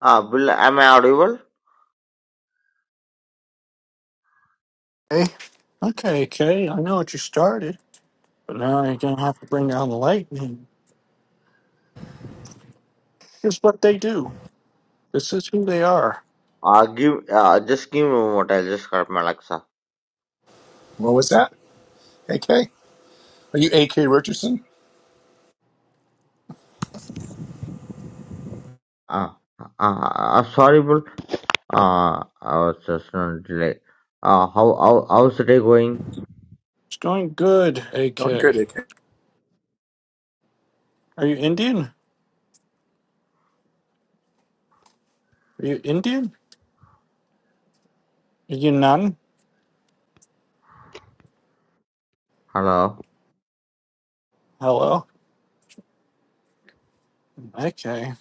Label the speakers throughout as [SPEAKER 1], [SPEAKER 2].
[SPEAKER 1] Uh, Bill, am I audible?
[SPEAKER 2] Hey, okay, Kay, I know what you started, but now you're gonna have to bring down the lightning. Here's what they do. This is who they are.
[SPEAKER 1] Uh, give, uh, just give me a moment. I'll just grab my Alexa.
[SPEAKER 3] What was that? AK? Are you AK Richardson?
[SPEAKER 1] Uh, uh, uh, sorry, Bill. Uh, I was just on delay. Uh, how, how, how's the day going?
[SPEAKER 2] It's going good, AK.
[SPEAKER 3] Doing good, AK.
[SPEAKER 2] Are you Indian? Are you Indian? Are you none?
[SPEAKER 1] Hello?
[SPEAKER 2] Hello? Okay.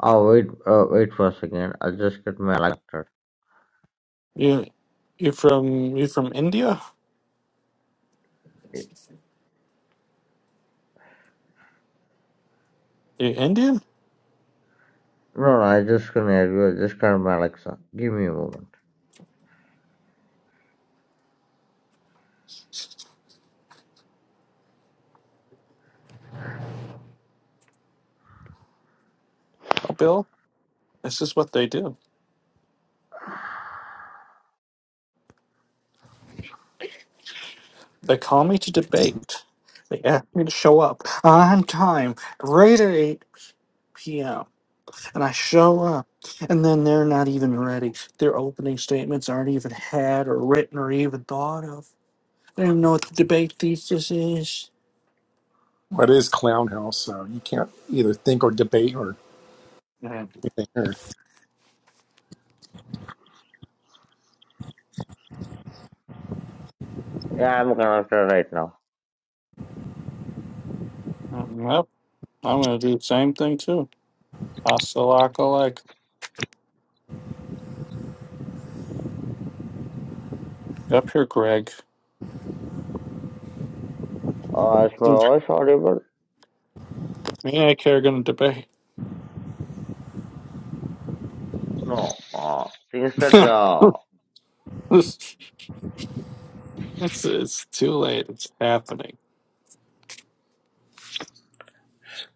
[SPEAKER 1] Oh, wait, uh, wait for a second. I'll just get my Alexa.
[SPEAKER 2] You you from you from India? You Indian?
[SPEAKER 1] No, no, I just can hear you. I just got my Alexa. Give me a moment.
[SPEAKER 2] Oh Bill, this is what they do. They call me to debate. They ask me to show up on time, right at eight p.m. and I show up, and then they're not even ready. Their opening statements aren't even had or written or even thought of. They don't even know what the debate thesis is.
[SPEAKER 3] What is Clown House? So you can't either think or debate or
[SPEAKER 2] Yeah.
[SPEAKER 3] anything here.
[SPEAKER 1] Yeah, I'm connected right now.
[SPEAKER 2] Mm, Yep, I'm going to do the same thing too. Hasta la like Up here, Greg.
[SPEAKER 1] Uh, is my
[SPEAKER 2] Me
[SPEAKER 1] voice audible?
[SPEAKER 2] and I are going to debate.
[SPEAKER 1] No. Uh, things that, uh,
[SPEAKER 2] it's, it's too late. It's happening.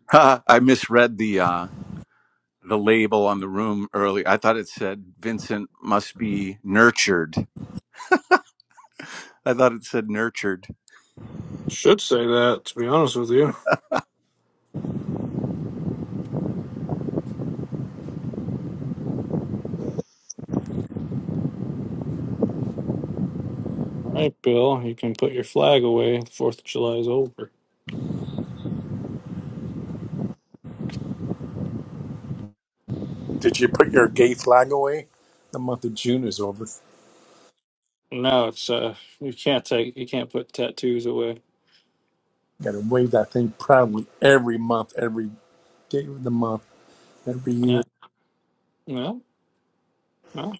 [SPEAKER 4] I misread the uh, the label on the room earlier. I thought it said Vincent must be nurtured. I thought it said nurtured.
[SPEAKER 2] Should say that, to be honest with you. All right, Bill, you can put your flag away. The 4th of July is over.
[SPEAKER 3] Did you put your gay flag away? The month of June is over. You
[SPEAKER 2] No, it's uh, you can't take, you can't put tattoos away.
[SPEAKER 3] gotta wave that thing proudly every month, every day of the month, every year.
[SPEAKER 2] Yeah, no, no.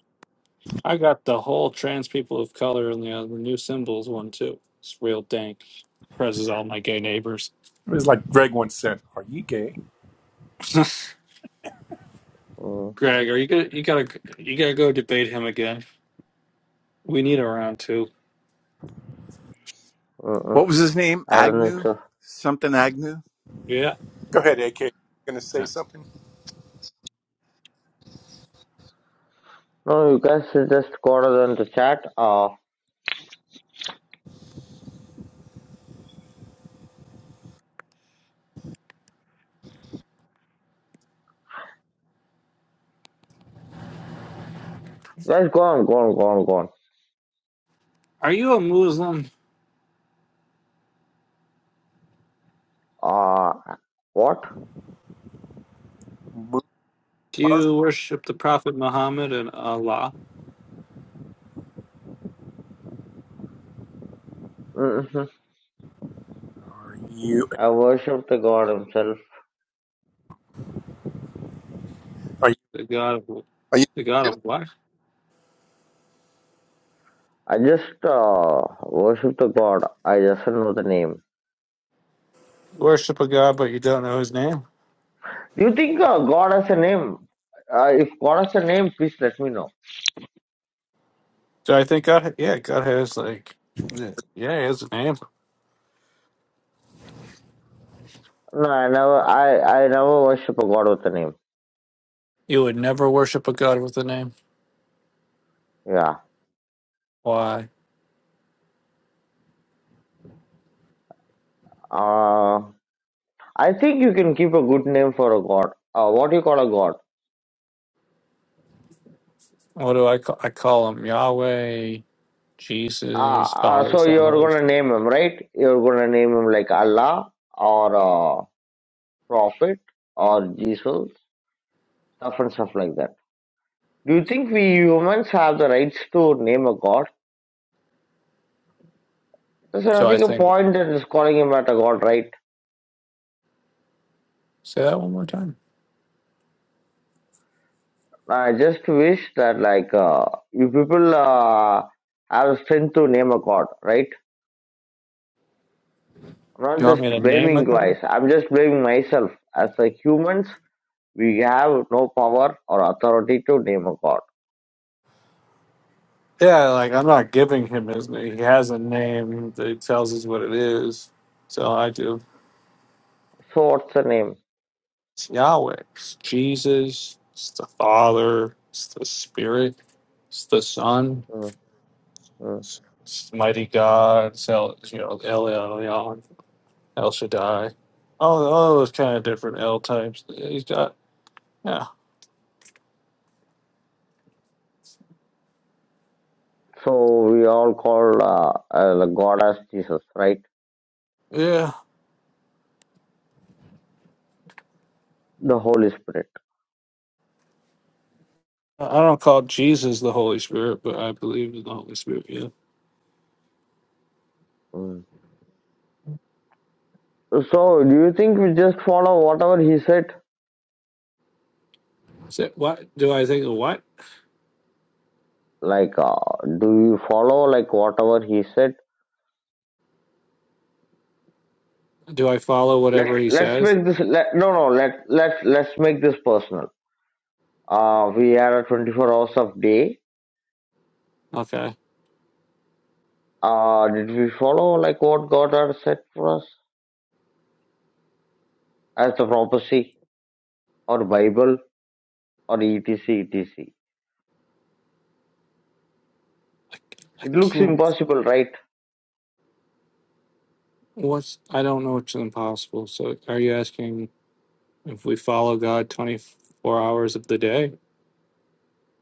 [SPEAKER 2] I got the whole trans people of color and the uh, new symbols one too. It's real dank. Presses all my gay neighbors.
[SPEAKER 3] It was like Greg once said, Are you gay?
[SPEAKER 1] mm,
[SPEAKER 2] Greg, are you gonna, you gotta, you gotta go debate him again. We need a round two.
[SPEAKER 1] mm, mm,
[SPEAKER 4] What was his name?
[SPEAKER 1] I don't think
[SPEAKER 4] Agnew?
[SPEAKER 1] so.
[SPEAKER 4] Something Agnew?
[SPEAKER 2] Yeah.
[SPEAKER 3] Go ahead, AK. Gonna say something?
[SPEAKER 1] No, you guys should just go on the chat. Uh, guys, go on, go on, go on, go
[SPEAKER 2] Are you a Muslim?
[SPEAKER 1] on. Uh, what?
[SPEAKER 3] Mu-
[SPEAKER 2] Do
[SPEAKER 3] Muslim?
[SPEAKER 2] you worship the Prophet Muhammad and Allah,
[SPEAKER 1] hmm
[SPEAKER 3] Are you
[SPEAKER 1] I worship the God Himself.
[SPEAKER 3] are you
[SPEAKER 2] the God of,
[SPEAKER 3] are you
[SPEAKER 2] the God
[SPEAKER 3] Hindu?
[SPEAKER 2] of what?
[SPEAKER 1] I just uh, worship the God. I just don't know the name.
[SPEAKER 2] Worship a God, but you don't know his name.
[SPEAKER 1] Do you think uh, God has a name? Uh, if God has a name, please let me know.
[SPEAKER 2] Do I think God? Yeah, God has like, yeah, he has a name.
[SPEAKER 1] No, I never. I I never worship a God with a name.
[SPEAKER 2] You would never worship a god with a name.
[SPEAKER 1] Yeah.
[SPEAKER 2] Why?
[SPEAKER 1] Uh, I think you can keep a good name for a God. Uh, what do you call a God?
[SPEAKER 2] What do I call? I call him Yahweh,
[SPEAKER 1] Ah,
[SPEAKER 2] Jesus,
[SPEAKER 1] ah,
[SPEAKER 2] Father,
[SPEAKER 1] so
[SPEAKER 2] Son,
[SPEAKER 1] you're
[SPEAKER 2] Holy.
[SPEAKER 1] gonna
[SPEAKER 2] Spirit.
[SPEAKER 1] name him, right? You're gonna name him like Allah or uh, Prophet or Jesus, stuff and stuff like that. Do you think we humans have the rights to name a god? There's
[SPEAKER 2] So I
[SPEAKER 1] nothing a
[SPEAKER 2] think.
[SPEAKER 1] point in just calling him at a god, right?
[SPEAKER 2] Say that one more time.
[SPEAKER 1] I just wish that like uh, you people uh, have strength to name a god, right? I'm not
[SPEAKER 2] You want
[SPEAKER 1] just
[SPEAKER 2] me to name
[SPEAKER 1] blaming
[SPEAKER 2] a
[SPEAKER 1] you guys.
[SPEAKER 2] god?
[SPEAKER 1] I'm just blaming myself. As a humans, we have no power or authority to name a god.
[SPEAKER 2] Yeah, like I'm not giving him his name. He has a name that he tells us what it is. So I do.
[SPEAKER 1] So what's the name?
[SPEAKER 2] It's Yahweh. It's Jesus. It's the Father. It's the Spirit. It's the Son.
[SPEAKER 1] Mm, mm.
[SPEAKER 2] It's, it's mighty God. It's El, you know, El Elyon. El Shaddai. All, all those kind of different L types. He's got, yeah.
[SPEAKER 1] So we all call uh, uh, the God as Jesus, right?
[SPEAKER 2] Yeah.
[SPEAKER 1] The Holy Spirit.
[SPEAKER 2] I I don't call Jesus the Holy Spirit, but I believe in the Holy Spirit. Yeah.
[SPEAKER 1] Mm. So do you think we just follow whatever He said?
[SPEAKER 2] So what do I think of what?
[SPEAKER 1] Like, uh, do you follow like whatever He said?
[SPEAKER 2] Do I follow
[SPEAKER 1] Let
[SPEAKER 2] whatever he
[SPEAKER 1] Let's
[SPEAKER 2] says?
[SPEAKER 1] make this. Let, no, no. Let Let's Let's make this personal. Uh, we are at 24 hours of day.
[SPEAKER 2] Okay.
[SPEAKER 1] Uh, did we follow like what God had said for us as the prophecy or Bible or etc etc?
[SPEAKER 2] I, I
[SPEAKER 1] It looks
[SPEAKER 2] can't.
[SPEAKER 1] impossible, right?
[SPEAKER 2] What's, I don't know what's impossible. So are you asking if we follow God 24 hours of the day?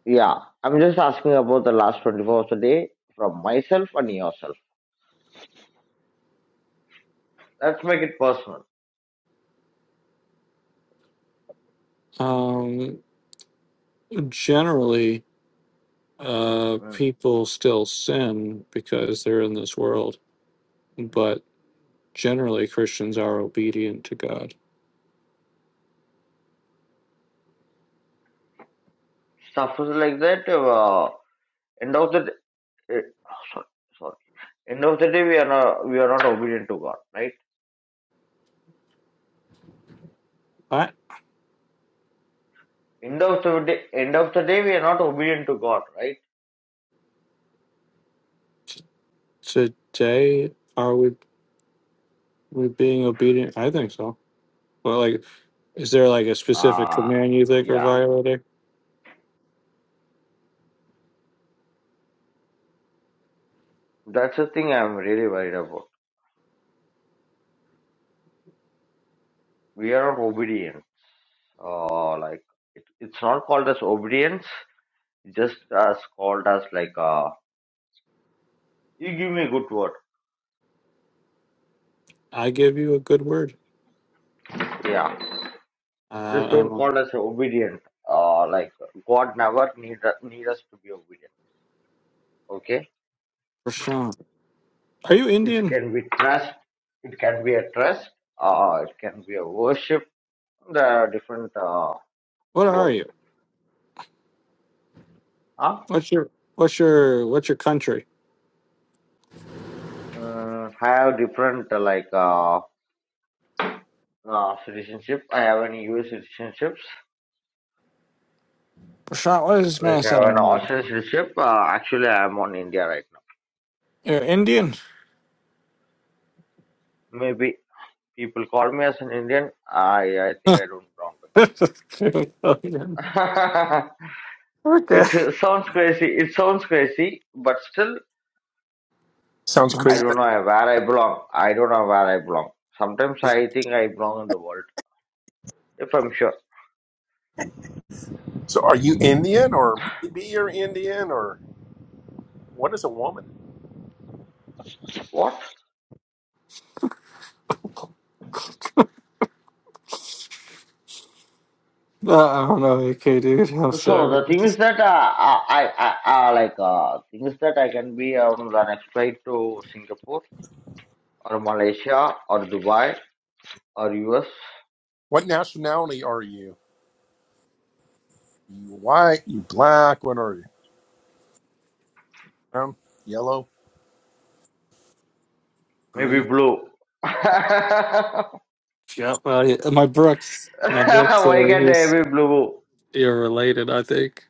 [SPEAKER 1] Yeah, I'm just asking about the last 24 hours a day from myself and yourself. Let's make it personal.
[SPEAKER 2] Um, generally, uh,
[SPEAKER 1] Mm.
[SPEAKER 2] people still sin because they're in this world, but Generally, Christians are obedient to God.
[SPEAKER 1] Stuff is like that. Uh, end of the day, sorry, sorry. End of the day, we are not we are not obedient to God, right?
[SPEAKER 2] I
[SPEAKER 1] End of the day, end of the day, we are not obedient to God, right?
[SPEAKER 2] today are we we being obedient? I think so. Well, like, is there like a specific
[SPEAKER 1] Ah,
[SPEAKER 2] command you think we are
[SPEAKER 1] yeah.
[SPEAKER 2] violating?
[SPEAKER 1] That's the thing I'm really worried about. We are not obedient. Uh, like it, it's not called as obedience. It's just as called as like uh, you give me a good word.
[SPEAKER 2] I give you a good word.
[SPEAKER 1] Yeah
[SPEAKER 2] Uh, I
[SPEAKER 1] Just
[SPEAKER 2] don't
[SPEAKER 1] don't
[SPEAKER 2] know.
[SPEAKER 1] call us obedient. Uh, like God never need need us to be obedient. Okay,
[SPEAKER 2] Prashant, are you
[SPEAKER 1] it
[SPEAKER 2] Indian?
[SPEAKER 1] can be trust. It can be a trust. Uh, it can be a worship. There are different uh,
[SPEAKER 2] What are
[SPEAKER 1] words.
[SPEAKER 2] you?
[SPEAKER 1] Huh?
[SPEAKER 2] What's your what's your what's your country?
[SPEAKER 1] Mm, I have different uh, like uh, uh, citizenship. I have an US citizenships.
[SPEAKER 2] Prashant, what is this man
[SPEAKER 1] Like I have an
[SPEAKER 2] saying again?
[SPEAKER 1] Austrian citizenship. Uh, actually, I am on India right now.
[SPEAKER 2] You're Indian.
[SPEAKER 1] Maybe people call me as an Indian. I I think I don't belong
[SPEAKER 2] okay.
[SPEAKER 1] to India.
[SPEAKER 2] I'm
[SPEAKER 1] it sounds crazy. It sounds crazy, but still,
[SPEAKER 3] Sounds
[SPEAKER 1] I
[SPEAKER 2] s-
[SPEAKER 3] crazy.
[SPEAKER 1] don't know where I belong. I don't know where I belong. Sometimes I think I belong in the world, if I'm sure.
[SPEAKER 3] So are you Indian or maybe you're Indian or what is a woman?
[SPEAKER 1] What?
[SPEAKER 2] uh, I don't know, okay, dude. I'm
[SPEAKER 1] So the
[SPEAKER 2] sorry.
[SPEAKER 1] thing is that uh, I, I, I, I like uh, thing is that I can be on the next flight to Singapore or Malaysia or Dubai or US,
[SPEAKER 3] What nationality are you? You white? You black? What are you? Brown? Yellow?
[SPEAKER 1] maybe
[SPEAKER 3] Green?
[SPEAKER 1] blue. Why
[SPEAKER 2] Yeah, well, yeah, my Brooks, my Brooks, uh,
[SPEAKER 1] can't I
[SPEAKER 2] he's
[SPEAKER 1] be blue?
[SPEAKER 2] you're related, I think.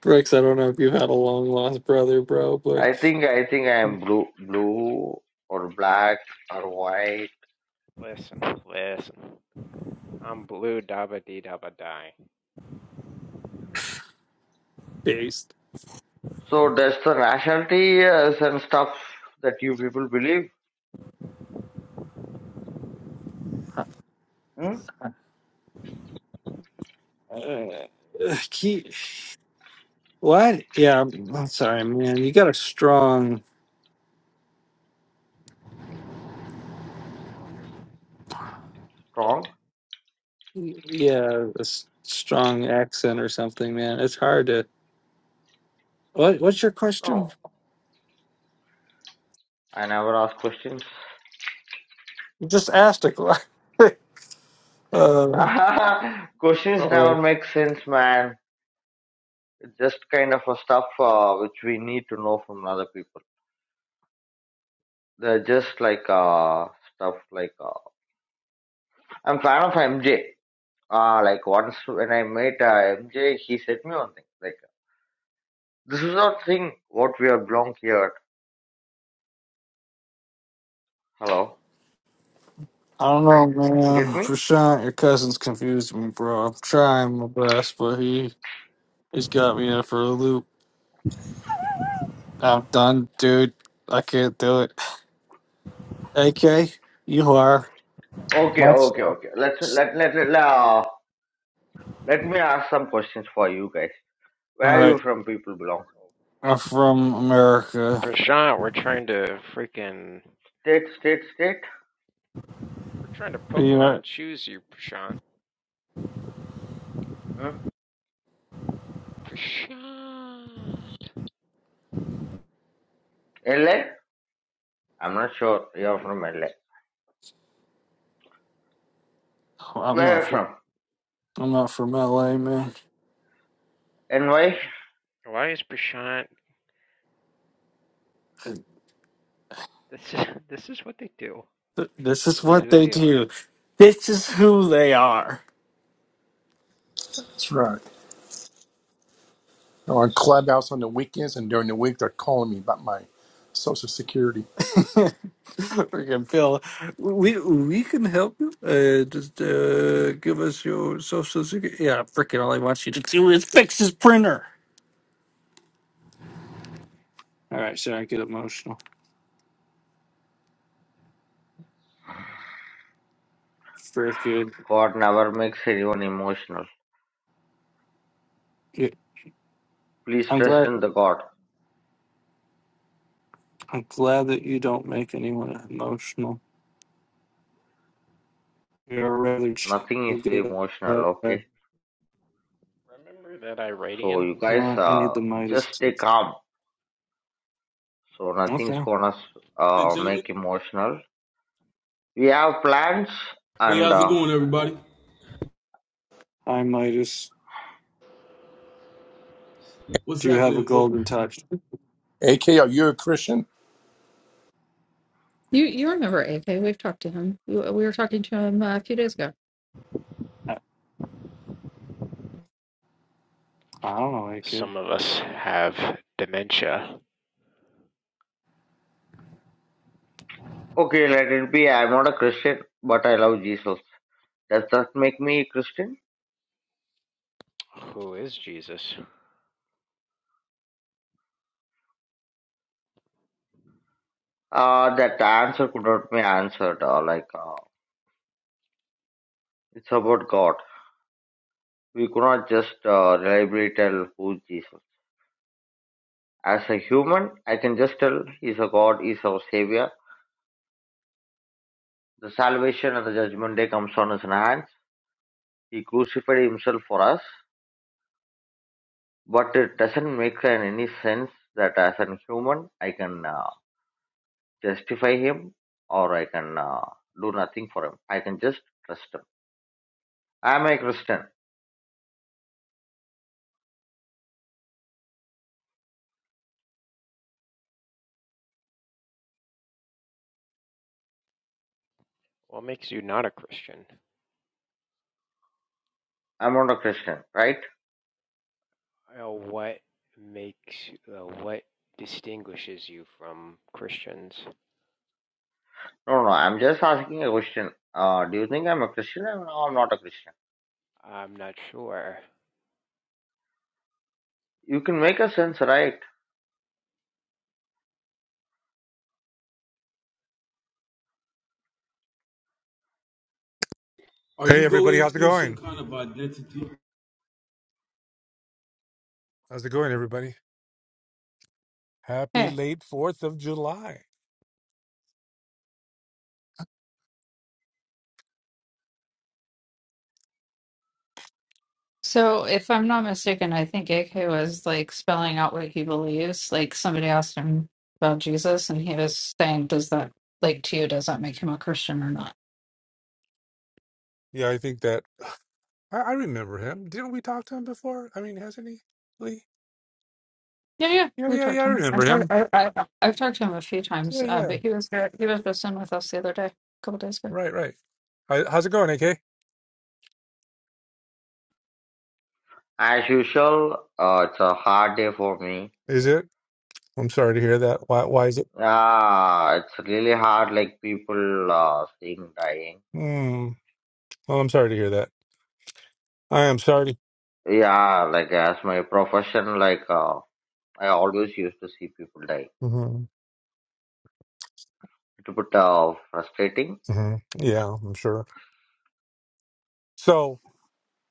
[SPEAKER 2] Brooks, I don't know if you've had a long lost brother, bro, but
[SPEAKER 1] I think I think I am blue, blue or black or white.
[SPEAKER 5] Listen, listen. I'm blue dabba dee dabba die.
[SPEAKER 2] based.
[SPEAKER 1] So does the nationality uh, and stuff that you people believe hmm?
[SPEAKER 2] Uh, he, what? Yeah, I'm I'm sorry, man. You got a strong,
[SPEAKER 1] strong?
[SPEAKER 2] yeah, a s- strong accent or something, man. It's hard to. What? What's your
[SPEAKER 1] No,
[SPEAKER 2] question?
[SPEAKER 1] I never ask questions.
[SPEAKER 2] You just asked a question. uh,
[SPEAKER 1] questions
[SPEAKER 2] uh,
[SPEAKER 1] never make sense, man. It's just kind of a stuff uh, which we need to know from other people. They're just like uh, stuff like uh, I'm fan of MJ. Uh, like once when I met uh, MJ, he said me one thing like this is not thing what we are belong here. Hello,
[SPEAKER 2] I don't know,
[SPEAKER 1] get
[SPEAKER 2] man. For
[SPEAKER 1] me?
[SPEAKER 2] sure, your cousin's confused me, bro. I'm trying my best, but he He's got me in for a loop. I'm done, dude. I can't do it. AK, you are
[SPEAKER 1] Okay, okay,
[SPEAKER 2] myself.
[SPEAKER 1] okay. Let's let let let. Uh, Let me ask some questions for you guys. Where
[SPEAKER 2] All
[SPEAKER 1] are you
[SPEAKER 2] right,
[SPEAKER 1] from? People belong.
[SPEAKER 2] I'm from America.
[SPEAKER 5] Prashant, we're trying to freaking.
[SPEAKER 1] State, state, state.
[SPEAKER 5] We're trying to
[SPEAKER 2] You know,
[SPEAKER 5] Pokemon choose you, Prashant.
[SPEAKER 1] Hmm?
[SPEAKER 5] Prashant!
[SPEAKER 1] LA? I'm not sure. You're from LA.
[SPEAKER 2] I'm
[SPEAKER 1] Where are
[SPEAKER 2] not.
[SPEAKER 1] you
[SPEAKER 2] From,
[SPEAKER 1] from?
[SPEAKER 2] I'm not from LA, man.
[SPEAKER 1] And why?
[SPEAKER 5] Prash- Why is Prashant. This is, this is what they do.
[SPEAKER 2] Th- This is
[SPEAKER 5] This is
[SPEAKER 2] what
[SPEAKER 5] who
[SPEAKER 2] they
[SPEAKER 5] they are.
[SPEAKER 2] do. This is who they are.
[SPEAKER 3] That's right. I'm on Clubhouse on the weekends, and during the week they're calling me about my social security.
[SPEAKER 2] Freaking Phil, we we can help you. Uh, just uh, give us your social security. Yeah, freaking all I want you to do is fix his printer. All right, so I get emotional. Freaking.
[SPEAKER 1] God never makes anyone emotional. Please
[SPEAKER 2] I'm
[SPEAKER 1] trust
[SPEAKER 2] glad.
[SPEAKER 1] in the God.
[SPEAKER 2] I'm glad that you don't make anyone emotional. You're a rather chill
[SPEAKER 1] Nothing is
[SPEAKER 2] guy.
[SPEAKER 1] emotional, okay?
[SPEAKER 5] Remember that
[SPEAKER 1] So
[SPEAKER 5] Iradian?
[SPEAKER 1] you
[SPEAKER 2] You
[SPEAKER 1] guys
[SPEAKER 2] know what? I need
[SPEAKER 1] uh,
[SPEAKER 2] the
[SPEAKER 1] just
[SPEAKER 2] Midas.
[SPEAKER 1] stay calm. So nothing's
[SPEAKER 2] Okay.
[SPEAKER 1] gonna
[SPEAKER 6] and
[SPEAKER 1] uh,
[SPEAKER 6] gentlemen.
[SPEAKER 1] make emotional. We have plans
[SPEAKER 6] Hey,
[SPEAKER 1] and
[SPEAKER 6] how's it
[SPEAKER 1] uh,
[SPEAKER 6] going, everybody?
[SPEAKER 2] Hi, Midas.
[SPEAKER 6] What's
[SPEAKER 2] Do you have a
[SPEAKER 6] happening? What
[SPEAKER 2] golden touch?
[SPEAKER 3] AK, are you a Christian?
[SPEAKER 7] You you remember AK? We've talked to him. We we were talking to him uh, a few days ago.
[SPEAKER 2] I, I don't know, AK.
[SPEAKER 5] Some of us have dementia.
[SPEAKER 1] okay, let it be. I'm not a Christian, but I love Jesus. Does that make me a Christian?
[SPEAKER 5] Who is Jesus?
[SPEAKER 1] Uh, that answer could not be answered. Uh, like uh, it's about God. We could not just uh, reliably tell who Jesus. As a human, I can just tell He's a God. He's our Savior. The salvation and the judgment day comes on His hands. He crucified Himself for us. But it doesn't make an- any sense that as a human, I can uh, justify Him or I can uh, do nothing for Him. I can just trust Him. I'm a Christian.
[SPEAKER 5] What makes you not a Christian?
[SPEAKER 1] I'm not a Christian, right?
[SPEAKER 5] Uh, what makes uh, what distinguishes you from Christians?
[SPEAKER 1] No, no, no, I'm just asking a question. Uh, do you think I'm a Christian? No, I'm not a Christian.
[SPEAKER 5] I'm not sure.
[SPEAKER 1] You can make a sense, right?
[SPEAKER 6] are
[SPEAKER 8] Hey
[SPEAKER 6] you
[SPEAKER 8] everybody,
[SPEAKER 6] going
[SPEAKER 8] how's it
[SPEAKER 6] through some
[SPEAKER 8] going?
[SPEAKER 6] kind of identity
[SPEAKER 8] How's it going, everybody? Happy
[SPEAKER 7] Hey,
[SPEAKER 8] late Fourth of July.
[SPEAKER 7] so if I'm not mistaken, I think AK was like spelling out what he believes. Like somebody asked him about Jesus, and he was saying, "Does that like to you? Does that make him a Christian or not?"
[SPEAKER 8] Yeah, I think that I, I remember him. Didn't we talk to him before? I mean, hasn't he? Lee?
[SPEAKER 7] Yeah, yeah,
[SPEAKER 8] Yeah,
[SPEAKER 7] we've
[SPEAKER 8] yeah, yeah.
[SPEAKER 7] talked
[SPEAKER 8] I
[SPEAKER 7] to him.
[SPEAKER 8] remember
[SPEAKER 7] I've talked
[SPEAKER 8] him.
[SPEAKER 7] I, I, I've talked to him a few times,
[SPEAKER 8] Yeah,
[SPEAKER 7] uh,
[SPEAKER 8] yeah.
[SPEAKER 7] but he was there. He was just in with us the other day, a couple days ago.
[SPEAKER 8] Right, right. Hi- how's it going, AK?
[SPEAKER 1] As usual, uh, it's a hard day for me.
[SPEAKER 8] Is it? I'm sorry to hear that. Why? Why is it?
[SPEAKER 1] Yeah, it's really hard, like people uh, seeing dying.
[SPEAKER 8] Hmm. Well, I'm sorry to hear that. I am sorry. To,
[SPEAKER 1] Yeah, like as my profession, like uh, I always used to see people die.
[SPEAKER 8] hmm
[SPEAKER 1] It's a bit uh, frustrating.
[SPEAKER 8] hmm Yeah, I'm sure. So,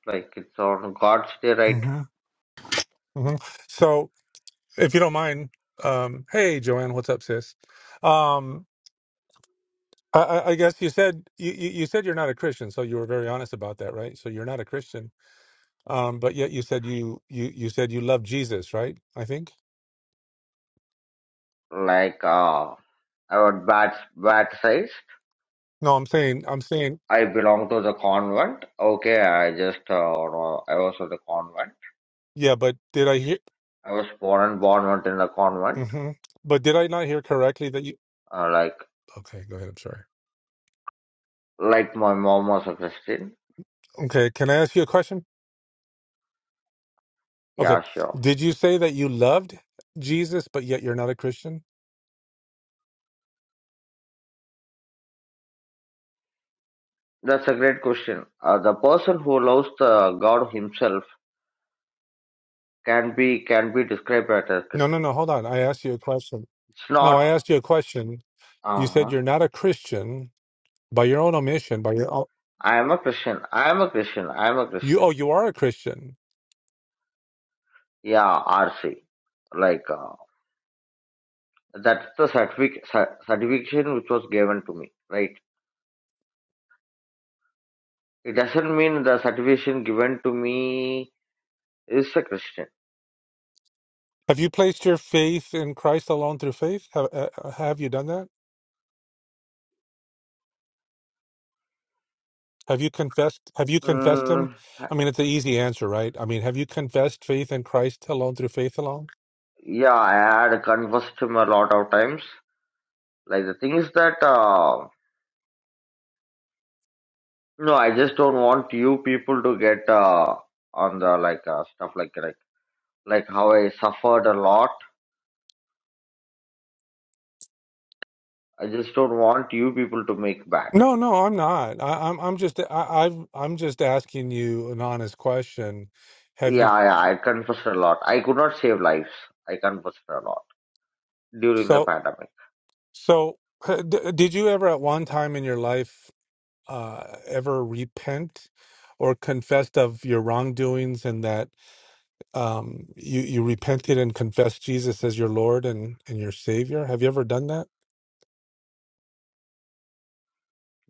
[SPEAKER 1] Like it's on God's day, right?
[SPEAKER 8] hmm hmm so if you don't mind, um, hey Joanne, what's up, sis? Um, I, I I guess you said you, you you said you're not a Christian, so you were very honest about that, right? So you're not a Christian, um, but yet you said you you you said you love Jesus, right? I think.
[SPEAKER 1] Like uh, our bad bad sides.
[SPEAKER 8] No, I'm saying I'm saying
[SPEAKER 1] I belong to the convent. Okay, I just uh, no, I was at the convent.
[SPEAKER 8] yeah, but did I hear?
[SPEAKER 1] I was born and born in the convent.
[SPEAKER 8] hmm But did I not hear correctly that you?
[SPEAKER 1] Uh, like
[SPEAKER 8] Okay, go ahead. I'm sorry.
[SPEAKER 1] like my mom was a Christian.
[SPEAKER 8] Okay, can I ask you a question? Okay,
[SPEAKER 1] Yeah, sure.
[SPEAKER 8] did you say that you loved Jesus, but yet you're not a Christian?
[SPEAKER 1] That's a great question. Uh, the person who loves the God himself can be can be described as a
[SPEAKER 8] No, no,
[SPEAKER 1] Christian.
[SPEAKER 8] no. Hold on. I asked you a question.
[SPEAKER 1] It's
[SPEAKER 8] No,
[SPEAKER 1] not.
[SPEAKER 8] I asked you a question. You
[SPEAKER 1] Uh
[SPEAKER 8] said
[SPEAKER 1] huh.
[SPEAKER 8] you're not a Christian by your own omission, by your own.
[SPEAKER 1] I am a Christian. I am a Christian. I am a
[SPEAKER 8] You
[SPEAKER 1] Christian.
[SPEAKER 8] oh, you are a Christian.
[SPEAKER 1] Yeah, RC. Like uh, that's the certific- cer- certification which was given to me, right? It doesn't mean the certification given to me is a Christian.
[SPEAKER 8] Have you placed your faith in Christ alone through faith? Have uh, uh, have you done that? Have you confessed? Have you confessed Him?
[SPEAKER 1] Mm,
[SPEAKER 8] I mean, it's an easy answer, right? I mean, have you confessed faith in Christ alone through faith alone?
[SPEAKER 1] yeah, I had conversed him a lot of times. Like the thing is that uh, no, I just don't want you people to get uh, on the like uh, stuff like like like how I suffered a lot. I just don't want you people to make bad.
[SPEAKER 8] No, no, I'm not. I, I'm I'm just I, I've I'm just asking you an honest question. Have you
[SPEAKER 1] Yeah, yeah, I confessed a lot. I could not save lives. I confessed a lot during the
[SPEAKER 8] so
[SPEAKER 1] pandemic.
[SPEAKER 8] so? uh, D- did you ever at one time in your life uh, ever repent or confessed of your wrongdoings and that? um, you you repented and confessed Jesus as your Lord and and your Savior. Have you ever done that?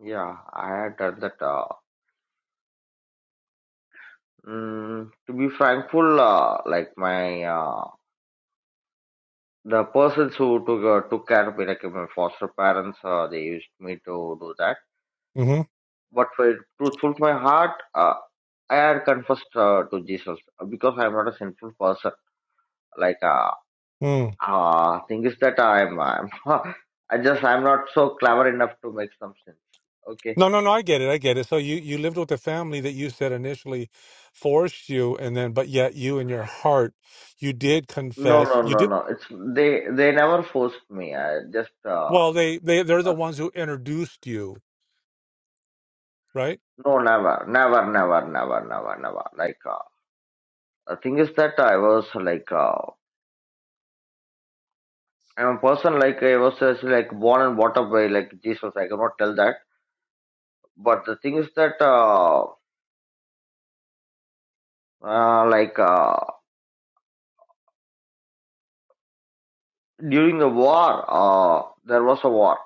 [SPEAKER 1] Yeah, I had done that. Uh, Mm, to be thankful, uh, like my uh, the persons who took uh, took care of me, like my foster parents, uh, they used me to do that.
[SPEAKER 8] Mm-hmm.
[SPEAKER 1] But for truthful to my heart, uh, I had confessed uh, to Jesus uh, because I am not a sinful person. Like uh,
[SPEAKER 8] Mm.
[SPEAKER 1] uh thing is that I'm I'm I just I'm not so clever enough to make some sense. Okay.
[SPEAKER 8] No, no, no. I get it. I get it. So you you lived with a family that you said initially forced you, and then but yet you in your heart you did
[SPEAKER 1] No,
[SPEAKER 8] confess.
[SPEAKER 1] no,
[SPEAKER 8] You
[SPEAKER 1] no,
[SPEAKER 8] did.
[SPEAKER 1] no. It's they they never forced me. I just
[SPEAKER 8] Well,
[SPEAKER 1] uh,
[SPEAKER 8] they they they're the ones who introduced you, right?
[SPEAKER 1] No, never, never, never, never, never, never. Like uh, the thing is that I was like uh, I'm a person like I was just like born and brought up by like Jesus. I cannot tell that. But the thing is that uh, uh, like uh, during the war, uh, there was a war.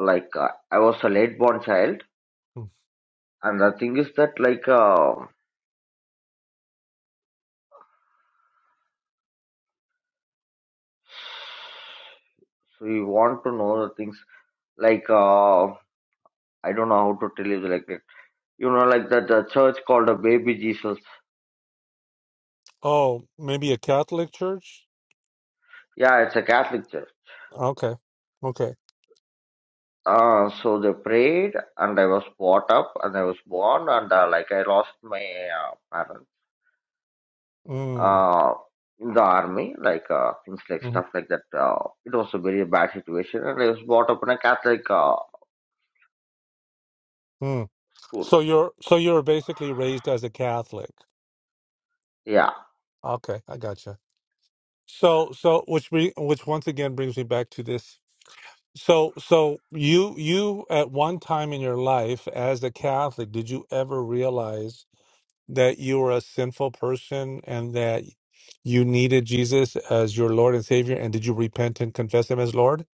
[SPEAKER 1] Like uh, I was a late born child,
[SPEAKER 8] Mhm.
[SPEAKER 1] and the thing is that like uh, so you want to know the things like uh, I don't know how to tell you like that. You know, like that the church called a baby Jesus.
[SPEAKER 8] Oh, maybe a Catholic church?
[SPEAKER 1] Yeah, it's a Catholic church.
[SPEAKER 8] Okay. Okay.
[SPEAKER 1] Uh, so they prayed, and I was brought up, and I was born, and uh, like I lost my uh, parents
[SPEAKER 8] Mm.
[SPEAKER 1] uh, in the army, like uh, things like
[SPEAKER 8] Mm.
[SPEAKER 1] stuff like that. Uh, it was a very bad situation, and I was brought up in a Catholic uh,
[SPEAKER 8] Mm.
[SPEAKER 1] school.
[SPEAKER 8] So you're so you're basically raised as a Catholic.
[SPEAKER 1] Yeah,
[SPEAKER 8] Okay, I gotcha. So so which bring, which once again brings me back to this. So so you you at one time in your life as a Catholic, did you ever realize that you were a sinful person and that you needed Jesus as your Lord and Savior? And did you repent and confess Him as Lord?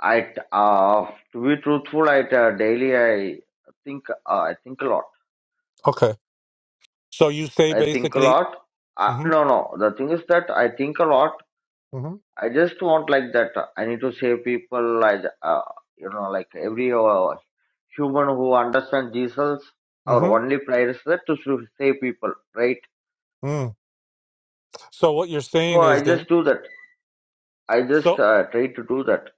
[SPEAKER 1] I uh, to be truthful, I uh, daily I think uh, I think a lot.
[SPEAKER 8] Okay. So you say
[SPEAKER 1] I think a
[SPEAKER 8] basically,
[SPEAKER 1] lot. Uh,
[SPEAKER 8] hmm
[SPEAKER 1] no, no. The thing is that I think a lot,
[SPEAKER 8] hmm
[SPEAKER 1] I just want like that. uh, I need to save people. I, uh, you know, like every uh, human who understands Jesus, our
[SPEAKER 8] hmm
[SPEAKER 1] only prayer is that to s- save people, right?
[SPEAKER 8] mm. so what you're
[SPEAKER 1] So
[SPEAKER 8] saying is
[SPEAKER 1] I
[SPEAKER 8] then,
[SPEAKER 1] just do that. I just
[SPEAKER 8] so,
[SPEAKER 1] uh, try to do that.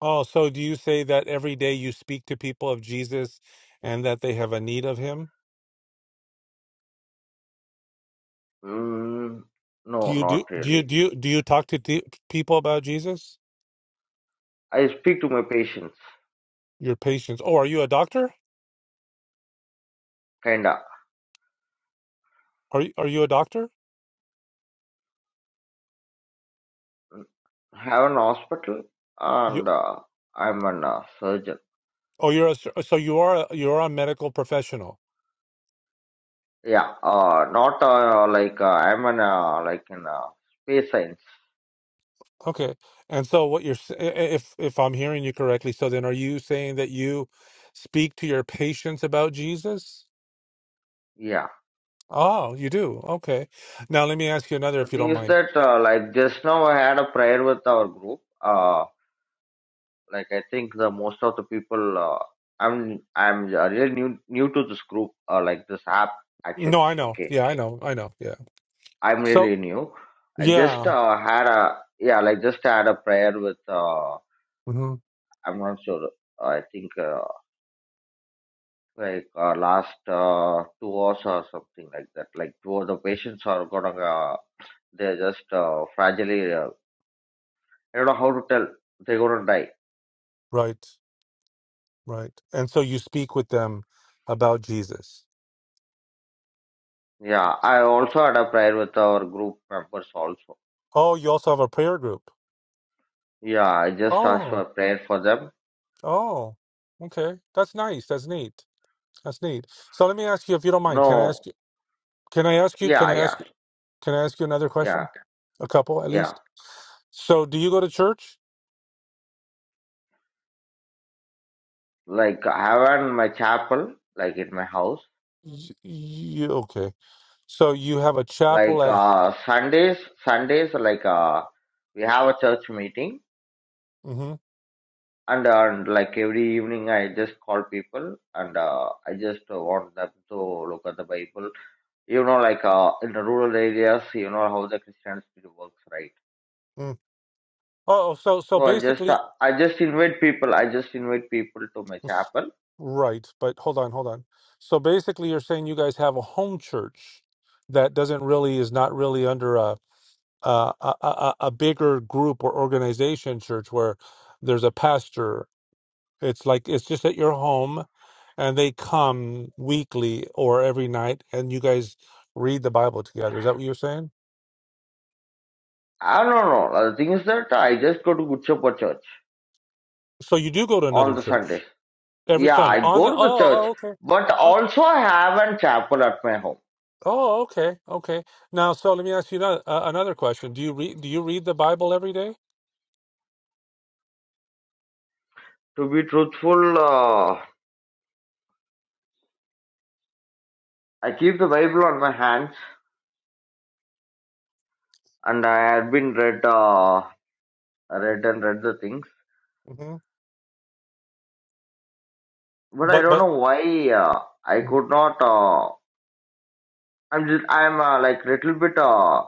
[SPEAKER 8] oh, so do you say that every day you speak to people of Jesus and that they have a need of Him?
[SPEAKER 1] Mm,
[SPEAKER 8] Do
[SPEAKER 1] no,
[SPEAKER 8] you do,
[SPEAKER 1] not
[SPEAKER 8] do you,
[SPEAKER 1] really.
[SPEAKER 8] do you, do you talk to t- people about Jesus?
[SPEAKER 1] I speak to my patients,
[SPEAKER 8] Your patients. Oh, are you a doctor?
[SPEAKER 1] kinda.
[SPEAKER 8] Are you, are you a doctor?
[SPEAKER 1] Have an hospital,
[SPEAKER 8] You,
[SPEAKER 1] and uh, I'm an uh, surgeon.
[SPEAKER 8] oh, you're a, sur- so you are, a, you're a medical professional.
[SPEAKER 1] Yeah, uh, not uh, like uh, I'm an uh, like in uh, space science.
[SPEAKER 8] Okay. And so what you're s- i- i- if if I'm hearing you correctly, so then are you saying that you speak to your patients about Jesus?
[SPEAKER 1] Yeah.
[SPEAKER 8] Oh, you do. Okay. Now let me ask you another
[SPEAKER 1] The
[SPEAKER 8] if you
[SPEAKER 1] thing
[SPEAKER 8] don't
[SPEAKER 1] is
[SPEAKER 8] mind.
[SPEAKER 1] that, uh, like just now, I had a prayer with our group. Uh, like I think the most of the people, uh, I'm I'm uh, really new new to this group, uh, like this app
[SPEAKER 8] No,
[SPEAKER 1] actually.
[SPEAKER 8] I know.
[SPEAKER 1] Okay,
[SPEAKER 8] Yeah, I know. I know. Yeah.
[SPEAKER 1] I'm
[SPEAKER 8] So,
[SPEAKER 1] really new. I just
[SPEAKER 8] yeah.
[SPEAKER 1] uh, had a yeah, like just had a prayer with. Uh,
[SPEAKER 8] hmm
[SPEAKER 1] I'm not sure. uh, I think uh, like uh, last uh, two hours or something like that. Like two of the patients are gonna, uh, they're just uh, fragile. Uh, I don't know how to tell. They're gonna die
[SPEAKER 8] Right. Right. And so you speak with them about Jesus.
[SPEAKER 1] Yeah, I also had a prayer with our group members also.
[SPEAKER 8] Oh, you also have a prayer group.
[SPEAKER 1] Yeah, I just asked for
[SPEAKER 8] Oh.
[SPEAKER 1] a prayer for them.
[SPEAKER 8] Oh. Okay. That's nice. That's neat. That's neat. So let me ask you if you don't mind. Can I ask
[SPEAKER 1] No,
[SPEAKER 8] you can I ask you can
[SPEAKER 1] yeah,
[SPEAKER 8] I
[SPEAKER 1] yeah,
[SPEAKER 8] ask you Can I ask you another
[SPEAKER 1] yeah,
[SPEAKER 8] question? A couple at
[SPEAKER 1] yeah.
[SPEAKER 8] least. So, do you go to church?
[SPEAKER 1] Like I have in my chapel, like in my house.
[SPEAKER 8] Y- You okay? So you have a
[SPEAKER 1] Like
[SPEAKER 8] chapel at.
[SPEAKER 1] uh Sundays, Sundays like uh we have a church meeting
[SPEAKER 8] hmm
[SPEAKER 1] and, uh, and like every evening I just call people and uh, I just want them to look at the Bible. You know, like uh in the rural areas, you know how the Christianity works, right?
[SPEAKER 8] Mm. Oh, oh, so so
[SPEAKER 1] So I just uh,
[SPEAKER 8] basically,
[SPEAKER 1] I just invite people. I just invite people to my
[SPEAKER 8] s-
[SPEAKER 1] chapel.
[SPEAKER 8] right? But hold on, hold on. So basically, you're saying you guys have a home church that doesn't really is not really under a a a, a a bigger group or organization church where there's a pastor It's like it's just at your home, and they come weekly or every night, and you guys read the Bible together. Is that what you're saying?
[SPEAKER 1] I don't know. Uh, The thing is that I just go to Gutchapa church
[SPEAKER 8] So you do go to
[SPEAKER 1] on
[SPEAKER 8] another
[SPEAKER 1] the Sundays.
[SPEAKER 8] church every
[SPEAKER 1] Yeah,
[SPEAKER 8] Sunday
[SPEAKER 1] I
[SPEAKER 8] on
[SPEAKER 1] go
[SPEAKER 8] the. Oh,
[SPEAKER 1] to the church,
[SPEAKER 8] oh okay.
[SPEAKER 1] but
[SPEAKER 8] Oh,
[SPEAKER 1] also I have a chapel at my home.
[SPEAKER 8] oh, okay, okay. Now, so let me ask you another, uh, another question. Do you read? Do you read the Bible every day?
[SPEAKER 1] To be truthful, uh, I keep the Bible on my hands, and I have been read, uh, read and read the things.
[SPEAKER 8] hmm
[SPEAKER 1] But I
[SPEAKER 8] But
[SPEAKER 1] don't
[SPEAKER 8] but
[SPEAKER 1] know why uh, I
[SPEAKER 8] Mhm.
[SPEAKER 1] could not. Uh, I'm just I'm uh, like little bit. uh,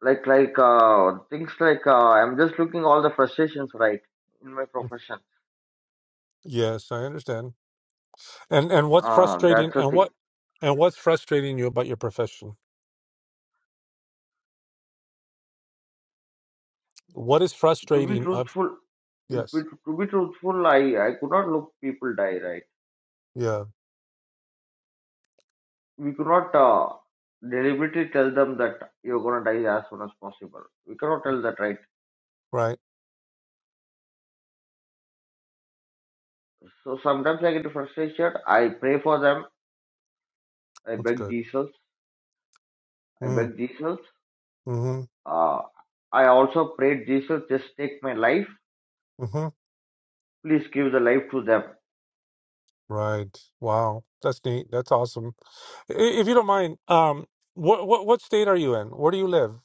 [SPEAKER 1] like like uh things like uh, i'm just looking all the frustrations right in my profession
[SPEAKER 8] yes, I understand. And and what's
[SPEAKER 1] uh
[SPEAKER 8] frustrating
[SPEAKER 1] that's the
[SPEAKER 8] and
[SPEAKER 1] thing
[SPEAKER 8] what and what's frustrating you about your profession? What is
[SPEAKER 1] to be
[SPEAKER 8] frustrating of
[SPEAKER 1] truthful it be,
[SPEAKER 8] yes.
[SPEAKER 1] to be truthful i i could not look people die right
[SPEAKER 8] Yeah,
[SPEAKER 1] we could not uh, deliberately tell them that you're gonna die as soon as possible we cannot tell that right
[SPEAKER 8] right.
[SPEAKER 1] so sometimes i get frustrated i pray for them i
[SPEAKER 8] That's
[SPEAKER 1] beg
[SPEAKER 8] good.
[SPEAKER 1] jesus i
[SPEAKER 8] Mm,
[SPEAKER 1] beg jesus
[SPEAKER 8] mm-hmm.
[SPEAKER 1] uh i also prayed jesus just take my life
[SPEAKER 8] Mm-hmm.
[SPEAKER 1] please give the life to them
[SPEAKER 8] Right. Wow. That's neat. That's awesome. I- If you don't mind, um what what what state are you in? Where do you live?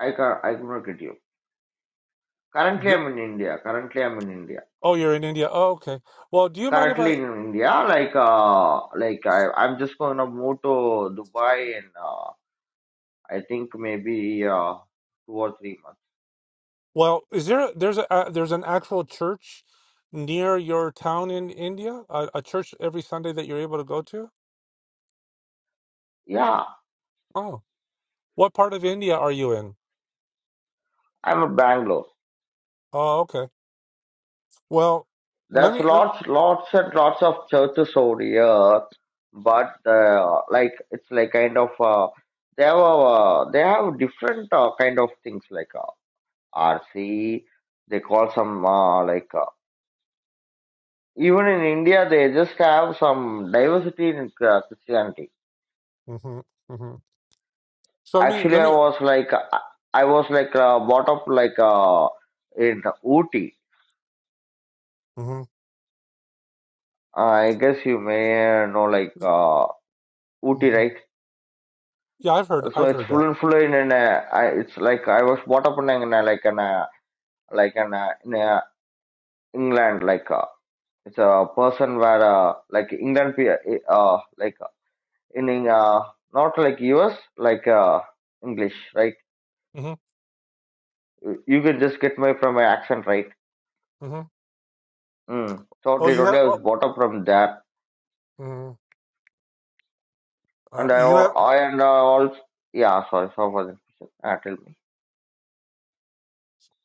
[SPEAKER 1] i can i cannot get you Currently,
[SPEAKER 8] Y-
[SPEAKER 1] I'm in India. Currently, I'm in India.
[SPEAKER 8] Oh, you're in India. Oh, okay. Well, do you mind if
[SPEAKER 1] Currently
[SPEAKER 8] I
[SPEAKER 1] in India, like uh, like I, I'm just gonna move to Dubai in uh, I think maybe uh, two or three months.
[SPEAKER 8] Well, is there a- there's a uh, there's an actual church near your town in India? A, a church every Sunday that you're able to go to?
[SPEAKER 1] Yeah,
[SPEAKER 8] Oh, what part of India are you in?
[SPEAKER 1] I'm in Bangalore.
[SPEAKER 8] Oh, okay. Well, let
[SPEAKER 1] There's
[SPEAKER 8] me let,
[SPEAKER 1] lots, lots and lots of churches over here, but uh, like it's like kind of uh, they have uh, they have different uh, kind of things like uh, RC. They call some uh, like uh, Even in India, they just have some diversity in uh, Christianity.
[SPEAKER 8] hmm hmm So let me
[SPEAKER 1] Actually,
[SPEAKER 8] let
[SPEAKER 1] I
[SPEAKER 8] me
[SPEAKER 1] was like, uh, I was like uh, brought up like uh, in Ooty.
[SPEAKER 8] hmm
[SPEAKER 1] Uh, I guess you may know like uh, Ooty,
[SPEAKER 8] hmm
[SPEAKER 1] right?
[SPEAKER 8] Yeah, I've heard
[SPEAKER 1] So
[SPEAKER 8] I've
[SPEAKER 1] it's
[SPEAKER 8] heard
[SPEAKER 1] full
[SPEAKER 8] that.
[SPEAKER 1] and full in an. Uh, I, it's like I was brought up in an, uh, like an uh, like an uh, in uh, England like uh, it's a person where uh, like England pe- uh, like in uh, not like US like uh, English, right?
[SPEAKER 8] hmm
[SPEAKER 1] you can just get my from my accent right.
[SPEAKER 8] hmm
[SPEAKER 1] Mm.
[SPEAKER 8] Oh,
[SPEAKER 1] Totally,
[SPEAKER 8] you
[SPEAKER 1] totally.
[SPEAKER 8] have
[SPEAKER 1] I was
[SPEAKER 8] oh
[SPEAKER 1] brought up from that,
[SPEAKER 8] hmm uh,
[SPEAKER 1] and I,
[SPEAKER 8] you have
[SPEAKER 1] al- I and I also, yeah. Sorry, sorry for the question. Ah, tell me.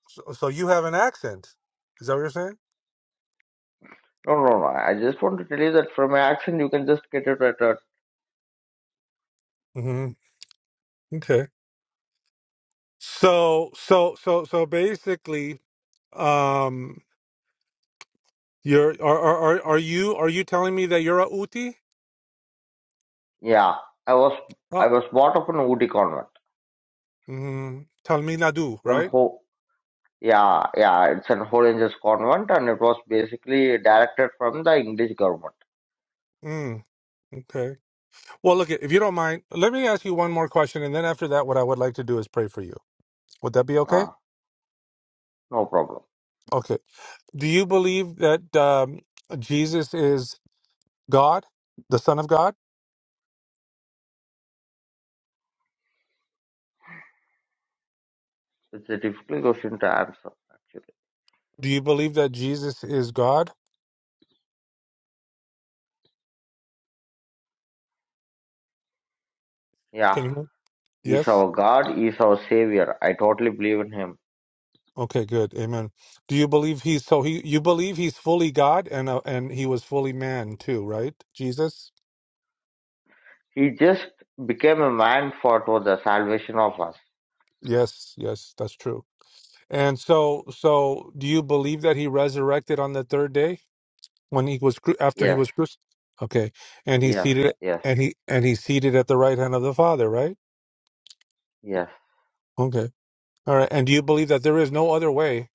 [SPEAKER 8] so, so you have an accent. Is that what you're saying?
[SPEAKER 1] No, no, no. I just want to tell you that from my accent, you can just get it right. right.
[SPEAKER 8] hmm Okay. So so so so basically um You're are are are, are you are you telling me that you're a uti?
[SPEAKER 1] Yeah, I was,
[SPEAKER 8] Uh,
[SPEAKER 1] I was brought up in a Woody convent
[SPEAKER 8] mm, tell me Nadu,
[SPEAKER 1] from
[SPEAKER 8] right?
[SPEAKER 1] Ho. Yeah, yeah. It's an Holy Angels convent, and it was basically directed from the English government.
[SPEAKER 8] Mm, okay. Well, look, if you don't mind, let me ask you one more question, and then after that, what I would like to do is pray for you. Would that be okay?
[SPEAKER 1] Ah, no problem.
[SPEAKER 8] Okay. Do you believe that um, Jesus is God, the Son of God?
[SPEAKER 1] It's a difficult question to answer, actually.
[SPEAKER 8] Do you believe that Jesus is God?
[SPEAKER 1] Yeah.
[SPEAKER 8] Can you?
[SPEAKER 1] He's
[SPEAKER 8] Yes.
[SPEAKER 1] our God, he's our Savior. I totally believe in him.
[SPEAKER 8] Okay. Good. Amen. Do you believe he's so he? You believe he's fully God and uh, and he was fully man too, right? Jesus.
[SPEAKER 1] He just became a man for, for the salvation of us.
[SPEAKER 8] Yes, yes, that's true. And so, so do you believe that he resurrected on the third day when he was cru- after he
[SPEAKER 1] Yes,
[SPEAKER 8] was crucified? Okay, and he
[SPEAKER 1] yes,
[SPEAKER 8] seated
[SPEAKER 1] yes,
[SPEAKER 8] and he and he seated at the right hand of the Father, right?
[SPEAKER 1] yes,
[SPEAKER 8] Okay, all right. And do you believe that there is no other way,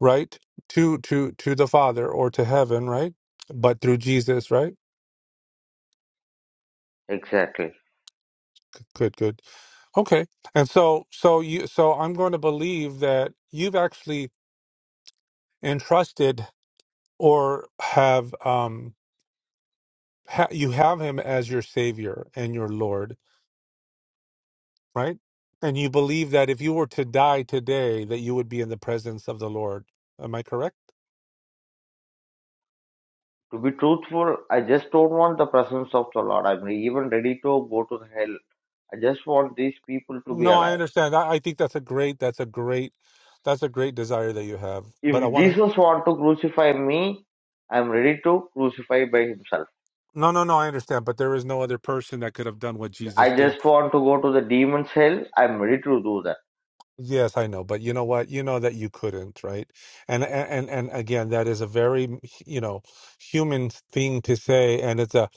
[SPEAKER 8] right, to to to the Father or to heaven, right, but through Jesus, right?
[SPEAKER 1] exactly.
[SPEAKER 8] G- Good, good. Okay, and so so you so I'm going to believe that you've actually entrusted or have um ha- you have him as your savior and your lord right and you believe that if you were to die today that you would be in the presence of the lord am i correct
[SPEAKER 1] To be truthful, I just don't want the presence of the Lord. I'm even ready to go to the hell. I just want these people to be
[SPEAKER 8] no i
[SPEAKER 1] alive.
[SPEAKER 8] understand i, I think that's a great that's a great that's a great desire that you have but i
[SPEAKER 1] If
[SPEAKER 8] want to
[SPEAKER 1] Jesus want to crucify me, I'm ready to crucify by himself.
[SPEAKER 8] no no no i understand but there is no other person that could have done what jesus
[SPEAKER 1] I
[SPEAKER 8] did
[SPEAKER 1] just want to go to the demon's hell. I'm ready to do that.
[SPEAKER 8] Yes, I know, but you know what? You know that you couldn't, right? And and and again, that is a very, you know, human thing to say, and it's a,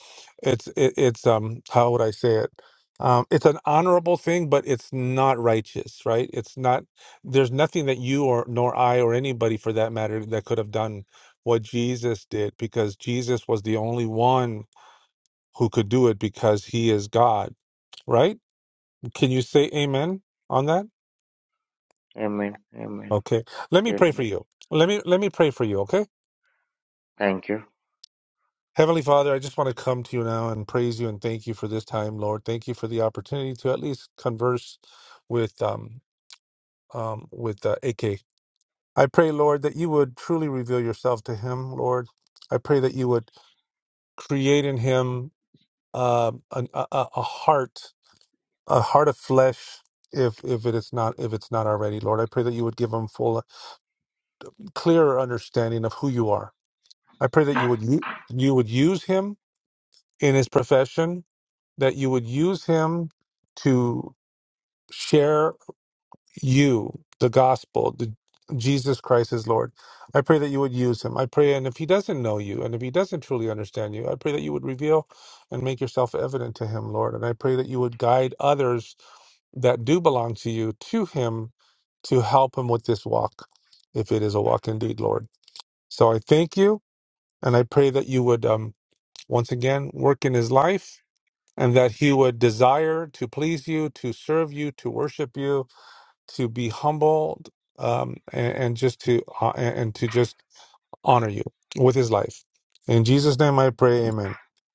[SPEAKER 8] it's it, it's um, how would I say it? Um, it's an honorable thing, but it's not righteous, right? It's not. There's nothing that you or nor I or anybody for that matter that could have done what Jesus did, because Jesus was the only one who could do it because he is God, right? Can you say Amen on that?
[SPEAKER 1] Amen. Amen.
[SPEAKER 8] Okay. Let me
[SPEAKER 1] Hail
[SPEAKER 8] pray for you. Let me let me pray for you, okay?
[SPEAKER 1] Thank you.
[SPEAKER 8] Heavenly Father, I just want to come to you now and praise you and thank you for this time, Lord. Thank you for the opportunity to at least converse with um um with uh, AK. I pray, Lord, that you would truly reveal yourself to him, Lord. I pray that you would create in him uh, an, a, a a heart, a heart of flesh if if it is not if it's not already, Lord. I pray that you would give him full clearer understanding of who you are. I pray that you would u- you would use him in his profession, that you would use him to share you, the gospel, the Jesus Christ is Lord. I pray that you would use him. I pray, and if he doesn't know you, and if he doesn't truly understand you, I pray that you would reveal and make yourself evident to him, Lord. And I pray that you would guide others that do belong to you to him to help him with this walk, if it is a walk indeed, Lord. So I thank you, and I pray that you would um, once again work in his life and that he would desire to please you, to serve you, to worship you, to be humbled, um, and, and just to uh, and and to just honor you with his life. In Jesus' name, I pray. Amen.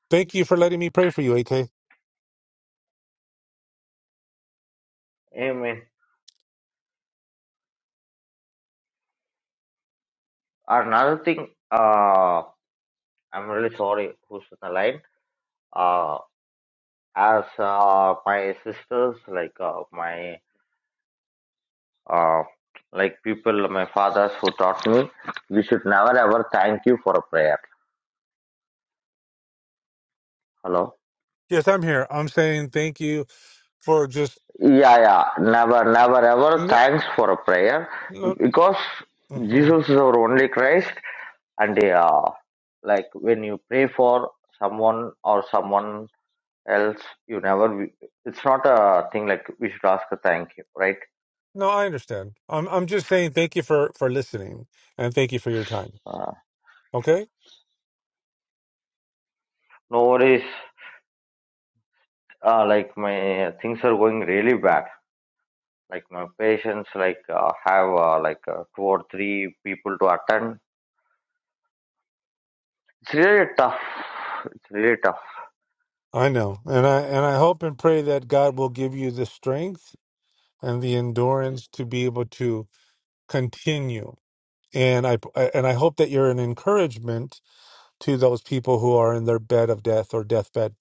[SPEAKER 8] Thank you for letting me pray for you, AK.
[SPEAKER 1] Amen. Another thing, uh, I'm really sorry who's on the line. Uh, as uh, my sisters, like uh, my uh, like people, my fathers who taught me, we should never ever thank you for a prayer. Hello.
[SPEAKER 8] Yes, I'm here. I'm saying thank you for just
[SPEAKER 1] Yeah, yeah. Never, never ever
[SPEAKER 8] no,
[SPEAKER 1] thanks for a prayer
[SPEAKER 8] no,
[SPEAKER 1] because
[SPEAKER 8] mhm.
[SPEAKER 1] Jesus is our only Christ, and uh, like when you pray for someone or someone else you never it's not a thing like we should ask a thank you right
[SPEAKER 8] No, I understand. I'm I'm just saying thank you for for listening and thank you for your time.
[SPEAKER 1] uh,
[SPEAKER 8] Okay,
[SPEAKER 1] no worries uh, like my things are going really bad like my patients like uh, have uh, like uh, two or three people to attend it's really tough it's really tough
[SPEAKER 8] I know, and I and I hope and pray that God will give you the strength and the endurance to be able to continue. And I and I hope that you're an encouragement to those people who are in their bed of death or deathbed.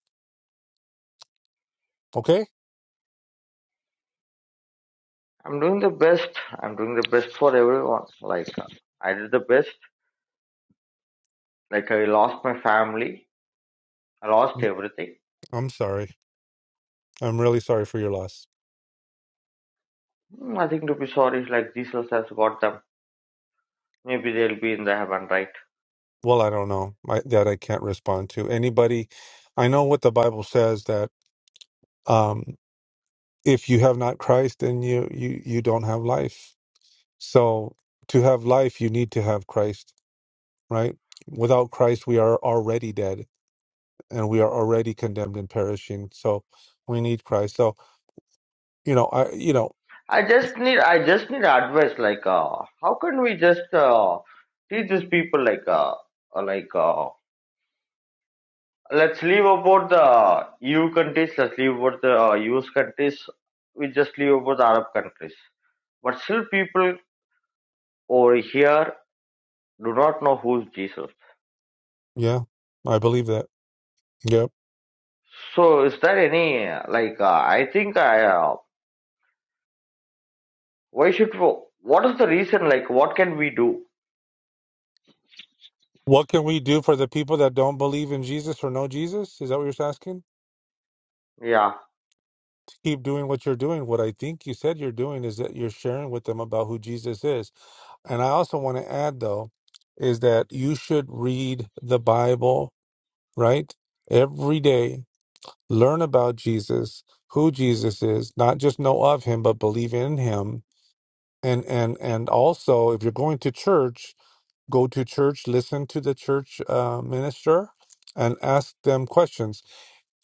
[SPEAKER 8] Okay,
[SPEAKER 1] i'm doing the best i'm doing the best for everyone like uh, i did the best like i lost my family i lost everything
[SPEAKER 8] I'm sorry. I'm really sorry for your loss.
[SPEAKER 1] nothing to be sorry like jesus has got them maybe they'll be in the heaven right
[SPEAKER 8] Well, I don't know I, that I can't respond to anybody. I know what the Bible says that um, if you have not Christ, then you you you don't have life. So to have life, you need to have Christ, right? Without Christ, we are already dead and we are already condemned and perishing. So we need Christ. So, you know, I, you know,
[SPEAKER 1] I just need I just need advice like uh, how can we just uh, teach these people like uh, uh, like uh, let's leave about the EU countries let's leave about the uh, US countries we just leave about the Arab countries but still people over here do not know who's Jesus
[SPEAKER 8] yeah, I believe that. Yep.
[SPEAKER 1] so is there any uh, like uh, I think I uh, why should we, what is the reason like what can we do
[SPEAKER 8] What can we do for the people that don't believe in Jesus or know Jesus? Is that what you're asking?
[SPEAKER 1] yeah
[SPEAKER 8] To keep doing what you're doing. What I think you said you're doing is that you're sharing with them about who Jesus is. And I also want to add, though, is that you should read the Bible, right? Every day, learn about Jesus, who Jesus is, not just know of him, but believe in him and and and also if you're going to church go to church listen to the church uh, minister and ask them questions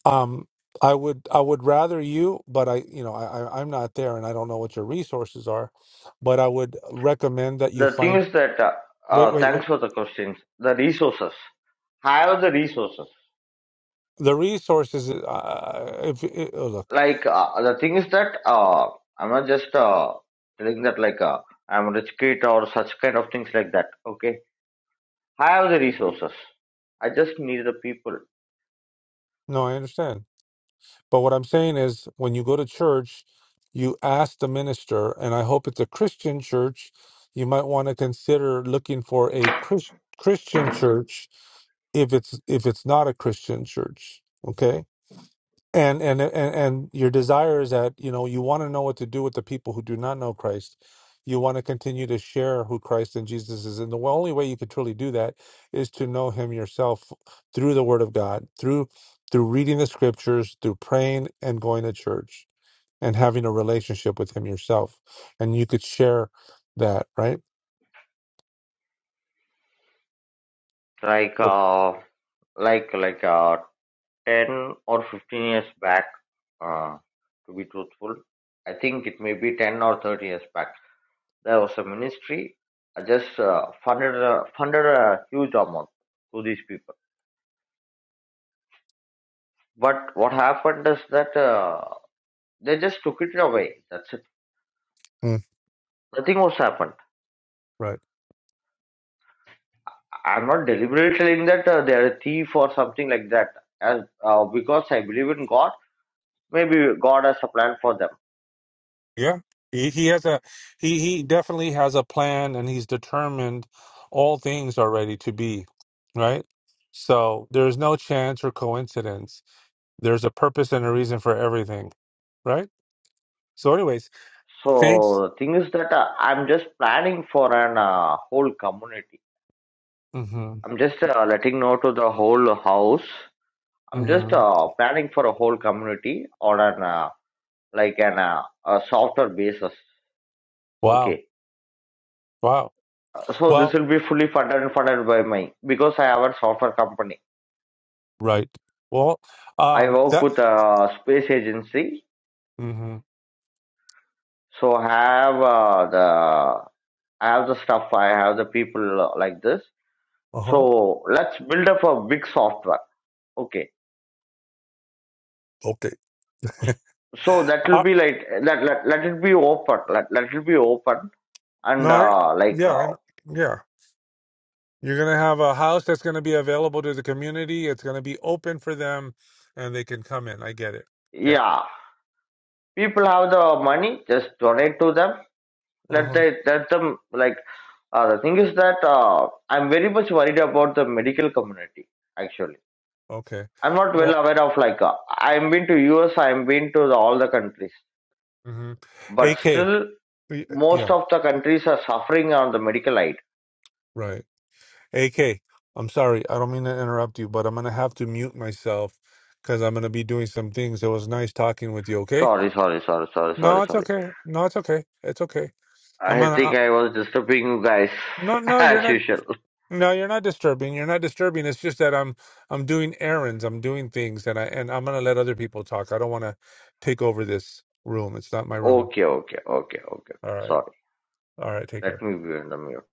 [SPEAKER 8] um i would i would rather you but i you know I, I i'm not there and i don't know what your resources are but i would recommend that you
[SPEAKER 1] the thing
[SPEAKER 8] find
[SPEAKER 1] is that uh,
[SPEAKER 8] wait
[SPEAKER 1] uh,
[SPEAKER 8] wait
[SPEAKER 1] thanks
[SPEAKER 8] wait
[SPEAKER 1] for the questions the resources have the resources.
[SPEAKER 8] the resources uh, if, if oh, look
[SPEAKER 1] Like uh, the thing is that uh, I'm not just uh, telling that like uh, I'm a rich kid or such kind of things like that. Okay, I have the resources. I just need the people.
[SPEAKER 8] no i understand But what I'm saying is, when you go to church, you ask the minister, and I hope it's a Christian church. You might want to consider looking for a Chris, Christian church if it's if it's not a Christian church. Okay and and and and your desire is that you know you want to know what to do with the people who do not know Christ. You want to continue to share who Christ and Jesus is, and the only way you could truly do that is to know Him yourself through the Word of God, through through reading the Scriptures, through praying and going to church, and having a relationship with Him yourself, and you could share that, right?
[SPEAKER 1] Like
[SPEAKER 8] Oh.
[SPEAKER 1] uh, like like uh, ten or fifteen years back. Uh, to be truthful, I think it may be ten or thirty years back. There was a ministry. I just uh, funded a, funded a huge amount to these people. But what happened is that. Uh, They just took it away. That's it.
[SPEAKER 8] Mm,
[SPEAKER 1] Nothing was happened.
[SPEAKER 8] right.
[SPEAKER 1] I'm not deliberately telling that uh, they are a thief or something like that. As uh, because I believe in God, maybe God has a plan for them.
[SPEAKER 8] Yeah, he, he has a he he definitely has a plan, and he's determined all things are ready to be, right? So there's no chance or coincidence. There's a purpose and a reason for everything, right? So, anyways, thanks.
[SPEAKER 1] So the thing is that uh, I'm just planning for an uh, whole community.
[SPEAKER 8] hmm
[SPEAKER 1] I'm just uh, letting know to the whole house. I'm just
[SPEAKER 8] hmm
[SPEAKER 1] uh, planning for a whole community on an uh, like an uh, a software basis.
[SPEAKER 8] Wow.
[SPEAKER 1] Okay,
[SPEAKER 8] Wow.
[SPEAKER 1] so this
[SPEAKER 8] Well,
[SPEAKER 1] will be fully funded and funded by my because I have a software company.
[SPEAKER 8] right. Well,
[SPEAKER 1] I
[SPEAKER 8] um,
[SPEAKER 1] work
[SPEAKER 8] that.
[SPEAKER 1] with a space agency,
[SPEAKER 8] hmm
[SPEAKER 1] so I have uh, the I have the stuff, I have the people uh, like this.
[SPEAKER 8] Uh huh.
[SPEAKER 1] So let's build up a big software. Okay,
[SPEAKER 8] Okay.
[SPEAKER 1] so that will
[SPEAKER 8] uh,
[SPEAKER 1] be like let let, let it be open, let let it be open,
[SPEAKER 8] no,
[SPEAKER 1] and
[SPEAKER 8] I.
[SPEAKER 1] uh, like
[SPEAKER 8] Yeah. I,
[SPEAKER 1] uh,
[SPEAKER 8] yeah. You're going to have a house that's going to be available to the community. It's going to be open for them and they can come in. I get it. Yeah.
[SPEAKER 1] yeah, people have the money, just donate to them. Let
[SPEAKER 8] Uh-huh.
[SPEAKER 1] they let them like uh, the thing is that uh, I'm very much worried about the medical community actually
[SPEAKER 8] Okay.
[SPEAKER 1] I'm not well
[SPEAKER 8] Well,
[SPEAKER 1] aware of like uh, I'm been to US, I'm been to the, all the countries,
[SPEAKER 8] hmm
[SPEAKER 1] but
[SPEAKER 8] AK.
[SPEAKER 1] still most
[SPEAKER 8] Yeah,
[SPEAKER 1] of the countries are suffering on the medical aid.
[SPEAKER 8] right. AK, I'm sorry. I don't mean to interrupt you, but I'm going to have to mute myself because I'm going to be doing some things. It was nice talking with you. Okay.
[SPEAKER 1] Sorry, sorry, sorry, sorry, sorry,
[SPEAKER 8] No, it's
[SPEAKER 1] sorry.
[SPEAKER 8] okay. No, it's okay. It's okay. I'm
[SPEAKER 1] I
[SPEAKER 8] going
[SPEAKER 1] think
[SPEAKER 8] to.
[SPEAKER 1] I was disturbing you guys
[SPEAKER 8] No, no, you're
[SPEAKER 1] as
[SPEAKER 8] not.
[SPEAKER 1] usual.
[SPEAKER 8] No, you're not disturbing. You're not disturbing. It's just that I'm I'm doing errands. I'm doing things, and I and I'm gonna let other people talk. I don't want to take over this room. It's not my room.
[SPEAKER 1] Okay, okay, okay, okay. okay.
[SPEAKER 8] All right.
[SPEAKER 1] Sorry.
[SPEAKER 8] All right. Take
[SPEAKER 1] Let
[SPEAKER 8] care.
[SPEAKER 1] me be on the mute.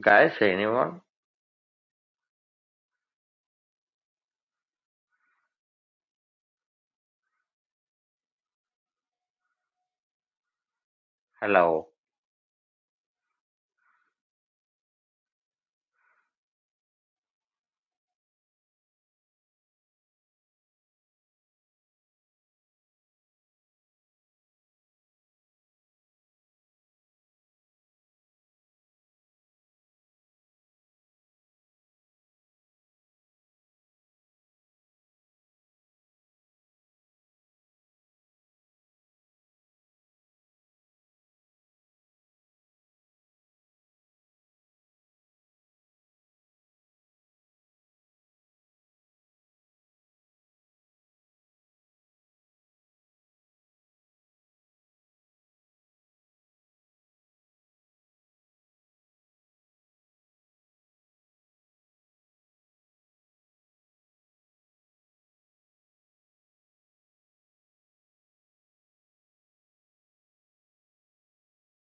[SPEAKER 1] Guys, anyone? Hello.